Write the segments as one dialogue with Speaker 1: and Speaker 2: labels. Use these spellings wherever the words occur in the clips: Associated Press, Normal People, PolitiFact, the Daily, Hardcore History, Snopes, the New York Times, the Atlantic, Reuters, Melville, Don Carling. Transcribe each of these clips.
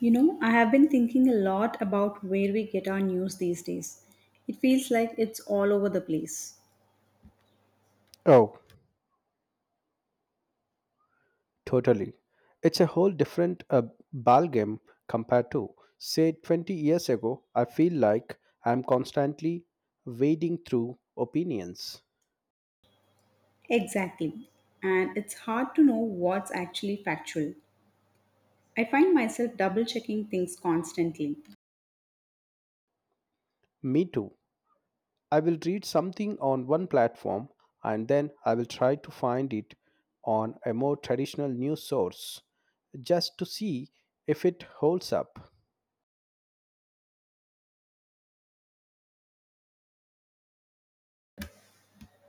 Speaker 1: I have been thinking a lot about where we get our news these days. It feels like it's all over the place.
Speaker 2: Oh, totally. It's a whole different ballgame compared to, say, 20 years ago. I feel like I'm constantly wading through opinions.
Speaker 1: Exactly. And it's hard to know what's actually factual. I find myself double checking things constantly.
Speaker 2: Me too. I will read something on one platform, and then I will try to find it on a more traditional news source just to see if it holds up.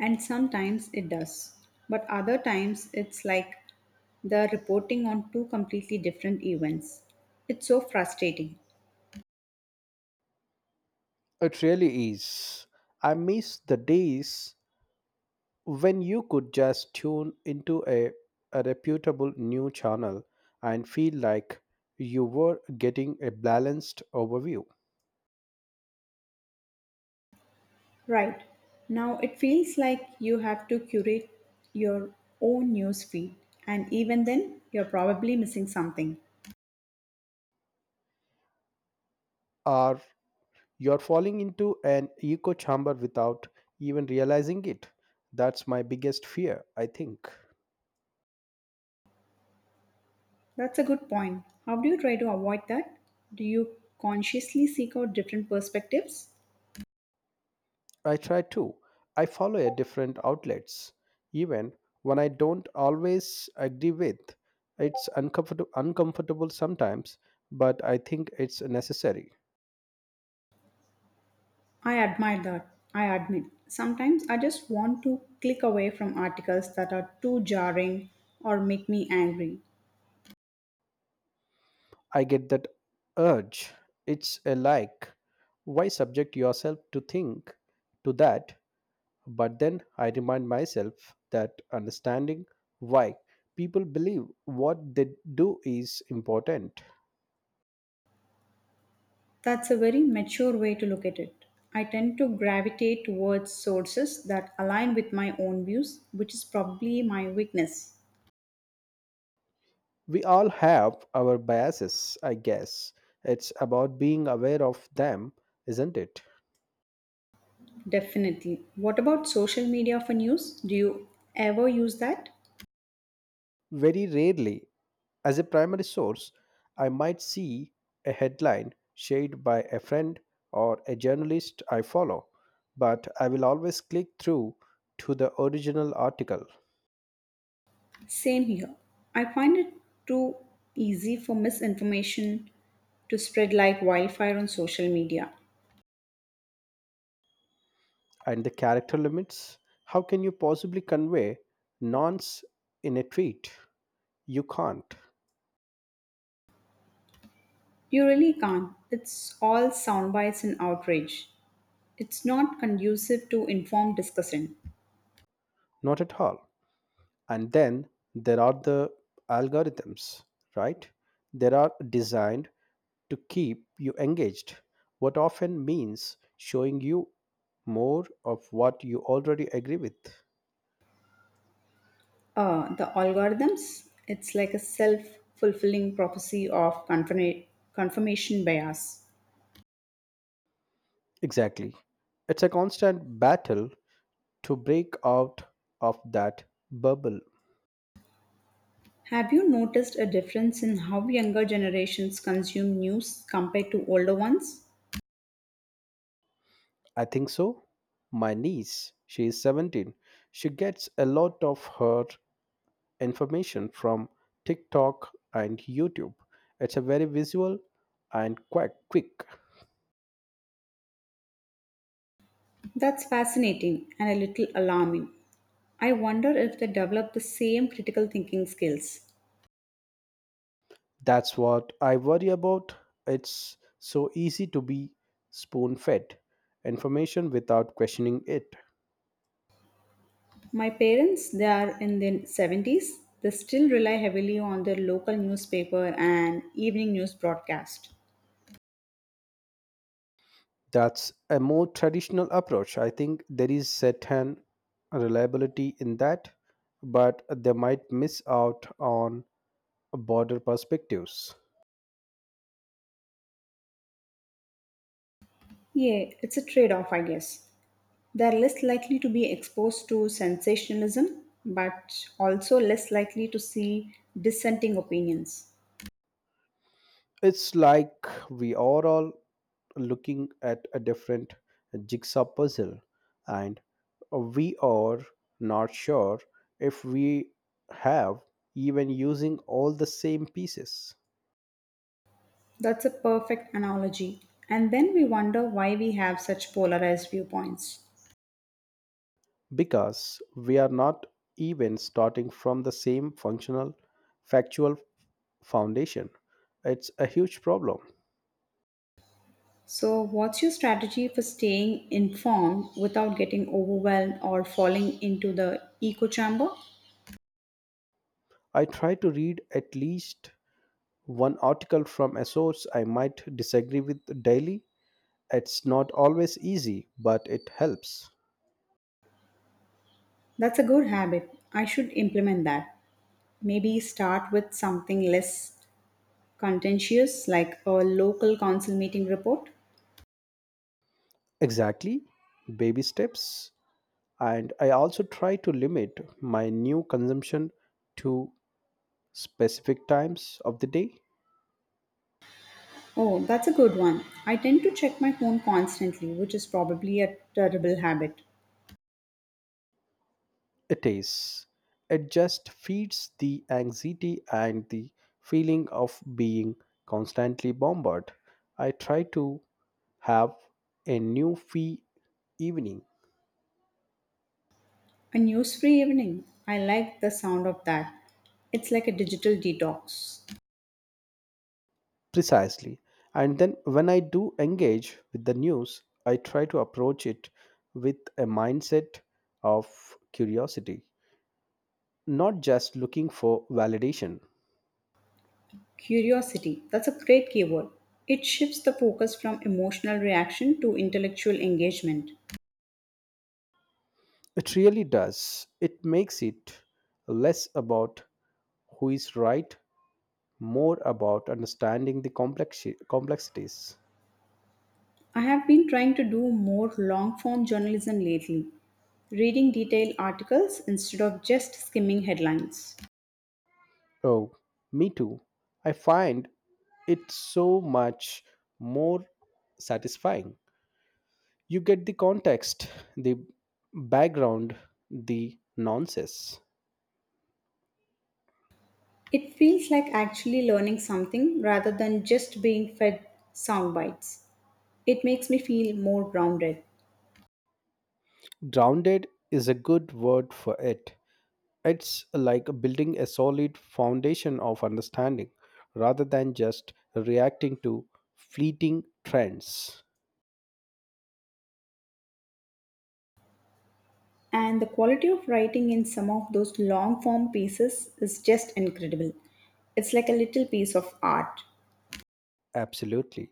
Speaker 1: And sometimes it does. But other times it's like they're reporting on two completely different events. It's so frustrating.
Speaker 2: It really is. I miss the days when you could just tune into a reputable new channel and feel like you were getting a balanced overview.
Speaker 1: Right. Now it feels like you have to curate your own news feed, and even then, you're probably missing something.
Speaker 2: Or you're falling into an echo chamber without even realizing it. That's my biggest fear, I think.
Speaker 1: That's a good point. How do you try to avoid that? Do you consciously seek out different perspectives?
Speaker 2: I try to, I follow a different outlets, even when I don't always agree with. It's uncomfortable sometimes, but I think it's necessary.
Speaker 1: I admire that. I admit. Sometimes I just want to click away from articles that are too jarring or make me angry.
Speaker 2: I get that urge. It's a like, why subject yourself to think to that? But then I remind myself that understanding why people believe what they do is important.
Speaker 1: That's a very mature way to look at it. I tend to gravitate towards sources that align with my own views, which is probably my weakness.
Speaker 2: We all have our biases, I guess. It's about being aware of them, isn't it?
Speaker 1: Definitely. What about social media for news? Do you ever use that?
Speaker 2: Very rarely. As a primary source, I might see a headline shared by a friend or a journalist I follow, but I will always click through to the original article.
Speaker 1: Same here. I find it too easy for misinformation to spread like wildfire on social media.
Speaker 2: And the character limits. How can you possibly convey nonce in a tweet? You can't,
Speaker 1: You really can't. It's all sound bites and outrage. It's not conducive to informed discussion.
Speaker 2: not at all. And then there are the algorithms, right? They are designed to keep you engaged, what often means showing you more of what you already agree with.
Speaker 1: The algorithms, it's like a self fulfilling prophecy of confirmation bias.
Speaker 2: Exactly. It's a constant battle to break out of that bubble.
Speaker 1: Have you noticed a difference in how younger generations consume news compared to older ones?
Speaker 2: I think so. My niece, she is 17, she gets a lot of her information from TikTok and YouTube. It's a very visual and quite quick.
Speaker 1: That's fascinating and a little alarming. I wonder if they develop the same critical thinking skills.
Speaker 2: That's what I worry about. It's so easy to be spoon fed information without questioning it.
Speaker 1: My parents, they are in their 70s, they still rely heavily on their local newspaper and evening news broadcast.
Speaker 2: That's a more traditional approach. I think there is certain reliability in that, but they might miss out on broader perspectives.
Speaker 1: Yeah, it's a trade off, I guess. They're less likely to be exposed to sensationalism, but also less likely to see dissenting opinions.
Speaker 2: It's like we are all looking at a different jigsaw puzzle, and we are not sure if we have even using all the same pieces.
Speaker 1: That's a perfect analogy. And then we wonder why we have such polarized viewpoints.
Speaker 2: Because we are not even starting from the same functional factual foundation. It's a huge problem.
Speaker 1: So, what's your strategy for staying informed without getting overwhelmed or falling into the echo chamber?
Speaker 2: I try to read at least one article from a source I might disagree with daily. It's not always easy, but it helps.
Speaker 1: That's a good habit. I should implement that. Maybe start with something less contentious, like a local council meeting report.
Speaker 2: Exactly. Baby steps. And I also try to limit my new consumption to specific times of the day.
Speaker 1: Oh, that's a good one. I tend to check my phone constantly, which is probably a terrible habit.
Speaker 2: It is. It just feeds the anxiety and the feeling of being constantly bombarded. I try to have a new fee evening.
Speaker 1: A news free evening. I like the sound of that. It's like a digital detox.
Speaker 2: Precisely. And then when I do engage with the news, I try to approach it with a mindset of curiosity, not just looking for validation.
Speaker 1: Curiosity. That's a great keyword. It shifts the focus from emotional reaction to intellectual engagement.
Speaker 2: It really does. It makes it less about who is right, more about understanding the complexities.
Speaker 1: I have been trying to do more long form journalism lately, reading detailed articles instead of just skimming headlines.
Speaker 2: Oh, me too. I find it so much more satisfying. You get the context, the background, the nonsense.
Speaker 1: It feels like actually learning something rather than just being fed sound bites. It makes me feel more grounded.
Speaker 2: Grounded is a good word for it. It's like building a solid foundation of understanding rather than just reacting to fleeting trends.
Speaker 1: And the quality of writing in some of those long form pieces is just incredible. It's like a little piece of art.
Speaker 2: Absolutely.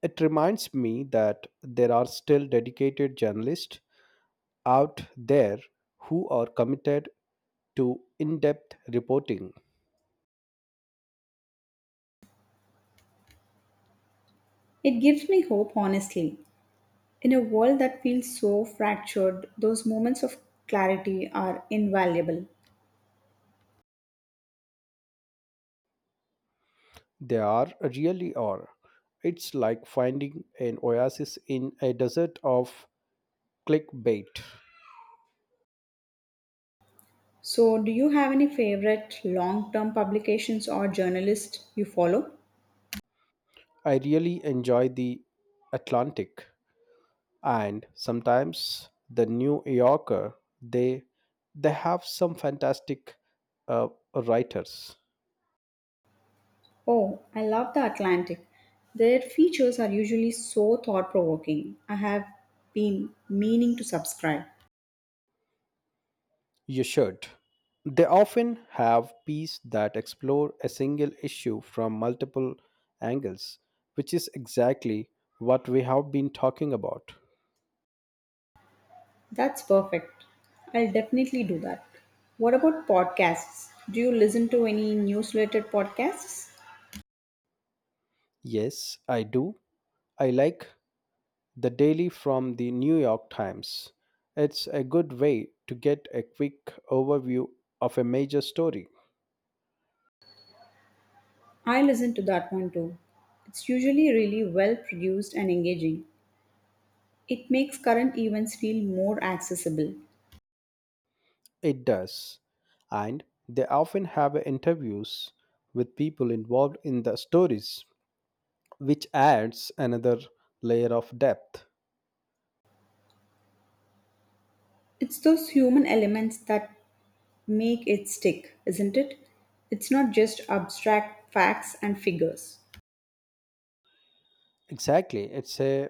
Speaker 2: It reminds me that there are still dedicated journalists out there who are committed to in depth reporting.
Speaker 1: It gives me hope, honestly. In a world that feels so fractured, those moments of clarity are invaluable.
Speaker 2: They are, really are. It's like finding an oasis in a desert of clickbait.
Speaker 1: So, do you have any favorite long term publications or journalists you follow?
Speaker 2: I really enjoy the Atlantic and sometimes the New Yorker. They they have some fantastic uh, writers.
Speaker 1: Oh, I love the Atlantic. Their features are usually so thought provoking. I have been meaning to subscribe.
Speaker 2: You should. They often have pieces that explore a single issue from multiple angles, which is exactly what we have been talking about.
Speaker 1: That's perfect. I'll definitely do that. What about podcasts? Do you listen to any news related podcasts?
Speaker 2: Yes, I do. I like the daily from the New York Times. It's a good way to get a quick overview of a major story.
Speaker 1: I listen to that one too. It's usually really well produced and engaging. It makes current events feel more accessible.
Speaker 2: It does. And they often have interviews with people involved in the stories, which adds another layer of depth.
Speaker 1: It's those human elements that make it stick, isn't it? It's not just abstract facts and figures.
Speaker 2: Exactly.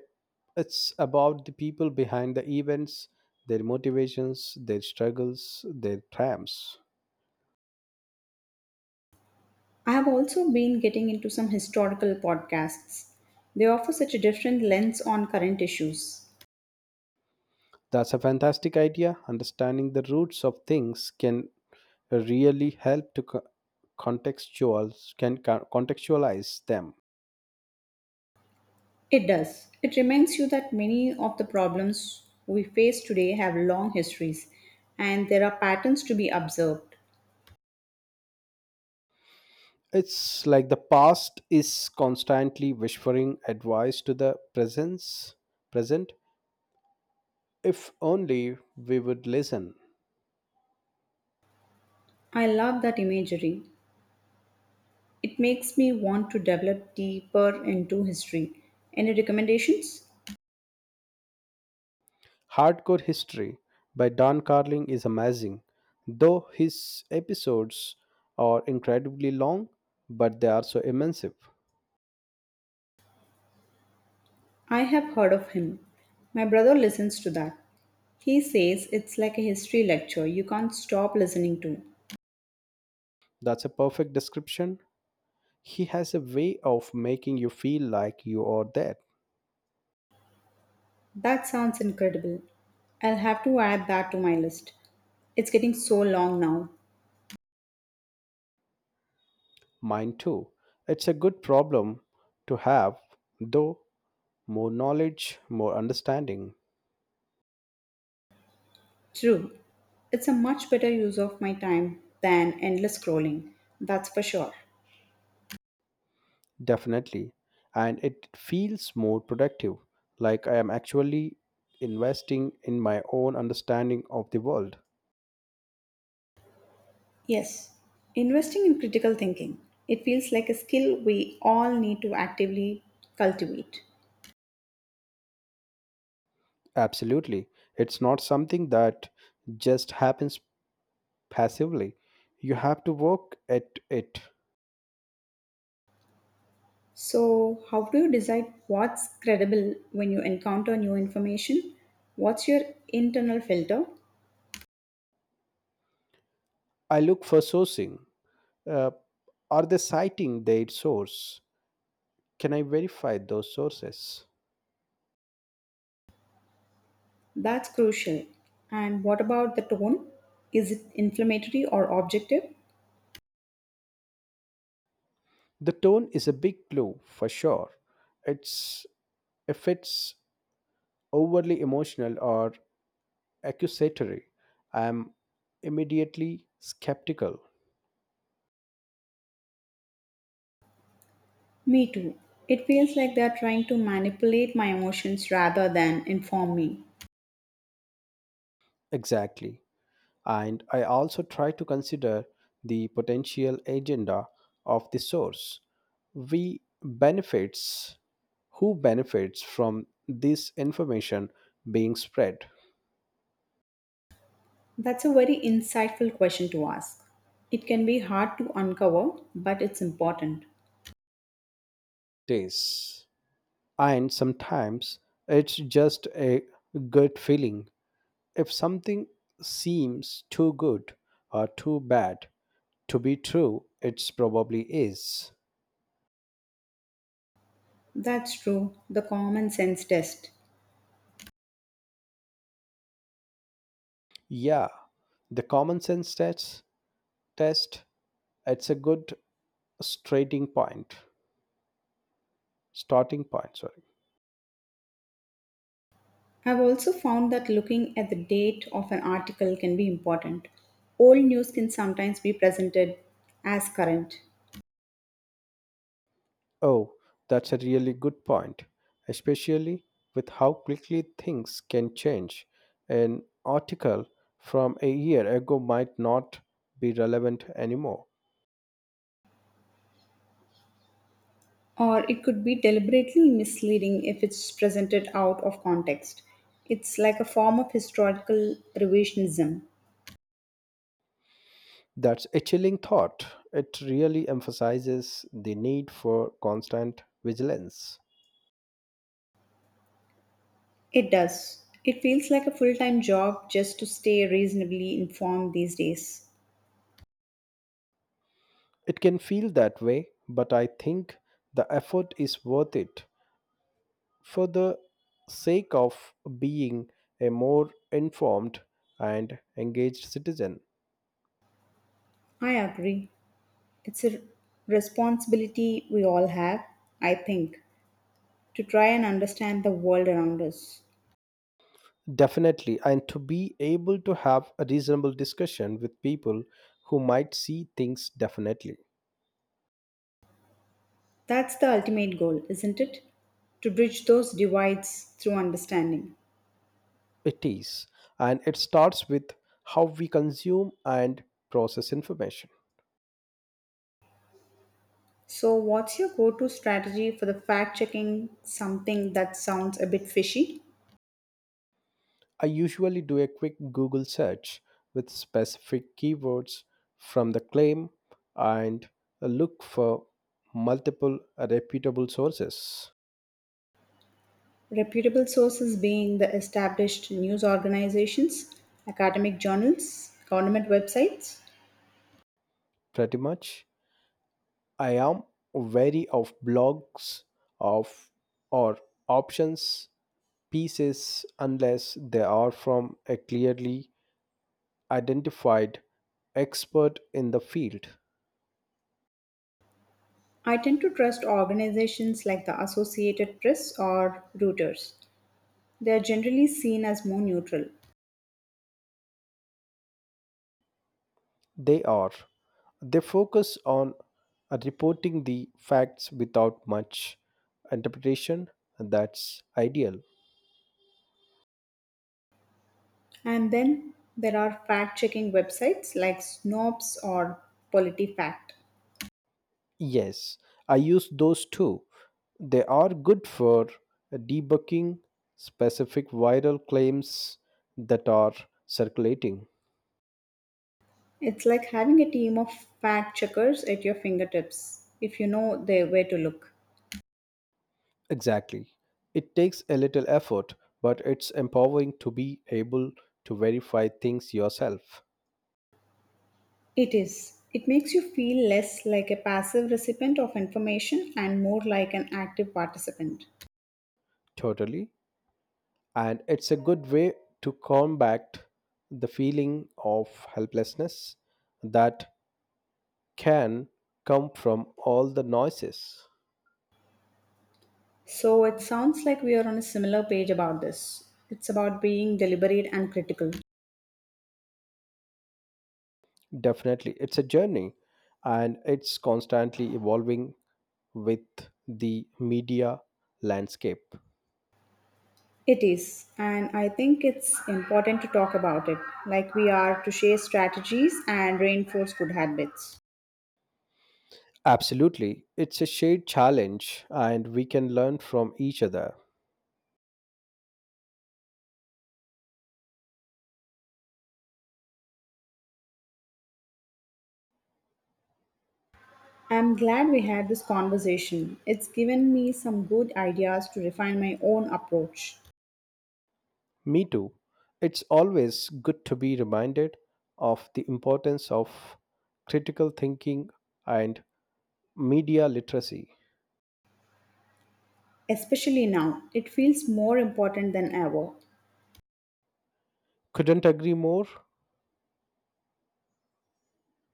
Speaker 2: It's about the people behind the events, their motivations, their struggles, their triumphs.
Speaker 1: I have also been getting into some historical podcasts. They offer such a different lens on current issues.
Speaker 2: That's a fantastic idea. Understanding the roots of things can really help to contextual contextualize them.
Speaker 1: It does. It reminds you that many of the problems we face today have long histories and there are patterns to be observed.
Speaker 2: It's like the past is constantly whispering advice to the presence present, if only we would listen.
Speaker 1: I love that imagery. It makes me want to develop deeper into history. Any recommendations?
Speaker 2: Hardcore History by Don Carling is amazing, though his episodes are incredibly long, but they are so immersive.
Speaker 1: I have heard of him. My brother listens to that. He says it's like a history lecture you can't stop listening to.
Speaker 2: That's a perfect description. He has a way of making you feel like you are there.
Speaker 1: That sounds incredible. I'll have to add that to my list. It's getting so long now.
Speaker 2: Mine too. It's a good problem to have, though. More knowledge, more understanding,
Speaker 1: True. It's a much better use of my time than endless scrolling. That's for sure.
Speaker 2: definitely. And it feels more productive, like I am actually investing in my own understanding of the world.
Speaker 1: Yes. Investing in critical thinking. It feels like a skill we all need to actively cultivate.
Speaker 2: Absolutely. It's not something that just happens passively. You have to work at it.
Speaker 1: So, how do you decide what's credible when you encounter new information? What's your internal filter?
Speaker 2: I look for sourcing. Uh, are they citing their source? Can I verify those sources?
Speaker 1: That's crucial. And what about the tone? Is it inflammatory or objective?
Speaker 2: The tone is a big clue for sure. It's If it's overly emotional or accusatory, I am immediately skeptical.
Speaker 1: Me too. It feels like they're trying to manipulate my emotions rather than inform me.
Speaker 2: Exactly. And I also try to consider the potential agenda of the source. We benefits Who benefits from this information being spread
Speaker 1: That's a very insightful question to ask. It can be hard to uncover, but it's important.
Speaker 2: days and sometimes it's just a gut feeling. If something seems too good or too bad to be true, it probably is.
Speaker 1: That's true, the common sense test.
Speaker 2: Yeah, the common sense test. It's a good starting point starting point, sorry.
Speaker 1: I've also found that looking at the date of an article can be important. Old news can sometimes be presented as current,
Speaker 2: Oh, that's a really good point, especially with how quickly things can change. An article from a year ago might not be relevant anymore.
Speaker 1: or it could be deliberately misleading if it's presented out of context. It's like a form of historical revisionism.
Speaker 2: That's a chilling thought. It really emphasizes the need for constant vigilance.
Speaker 1: It does. It feels like a full time job just to stay reasonably informed these days.
Speaker 2: It can feel that way, but I think the effort is worth it for the sake of being a more informed and engaged citizen.
Speaker 1: I agree. It's a responsibility we all have, I think, to try and understand the world around us.
Speaker 2: Definitely, and to be able to have a reasonable discussion with people who might see things definitely.
Speaker 1: That's the ultimate goal, isn't it? To bridge those divides through understanding.
Speaker 2: It is, and it starts with how we consume and process information.
Speaker 1: So, what's your go to strategy for the fact checking something that sounds a bit fishy?
Speaker 2: I usually do a quick Google search with specific keywords from the claim and look for multiple reputable sources.
Speaker 1: Reputable sources being the established news organizations, academic journals, government websites.
Speaker 2: Pretty much. I am wary of blogs of or options pieces unless they are from a clearly identified expert in the field.
Speaker 1: I tend to trust organizations like the Associated Press or Reuters. They are generally seen as more neutral.
Speaker 2: They are. They focus on reporting the facts without much interpretation, and that's ideal.
Speaker 1: And then there are fact checking websites like Snopes or PolitiFact.
Speaker 2: Yes, I use those too. They are good for debugging specific viral claims that are circulating.
Speaker 1: It's like having a team of fact checkers at your fingertips if you know they, where to look.
Speaker 2: Exactly. It takes a little effort, but it's empowering to be able to verify things yourself.
Speaker 1: It is. It makes you feel less like a passive recipient of information and more like an active participant.
Speaker 2: Totally. And it's a good way to combat the feeling of helplessness that can come from all the noises.
Speaker 1: So it sounds like we are on a similar page about this. It's about being deliberate and critical.
Speaker 2: Definitely, it's a journey and it's constantly evolving with the media landscape.
Speaker 1: It is, and I think it's important to talk about it, like we are to share strategies and reinforce good habits.
Speaker 2: Absolutely, it's a shared challenge and we can learn from each other.
Speaker 1: I'm glad we had this conversation. It's given me some good ideas to refine my own approach.
Speaker 2: Me too. It's always good to be reminded of the importance of critical thinking and media literacy.
Speaker 1: Especially now, it feels more important than ever.
Speaker 2: Couldn't agree more.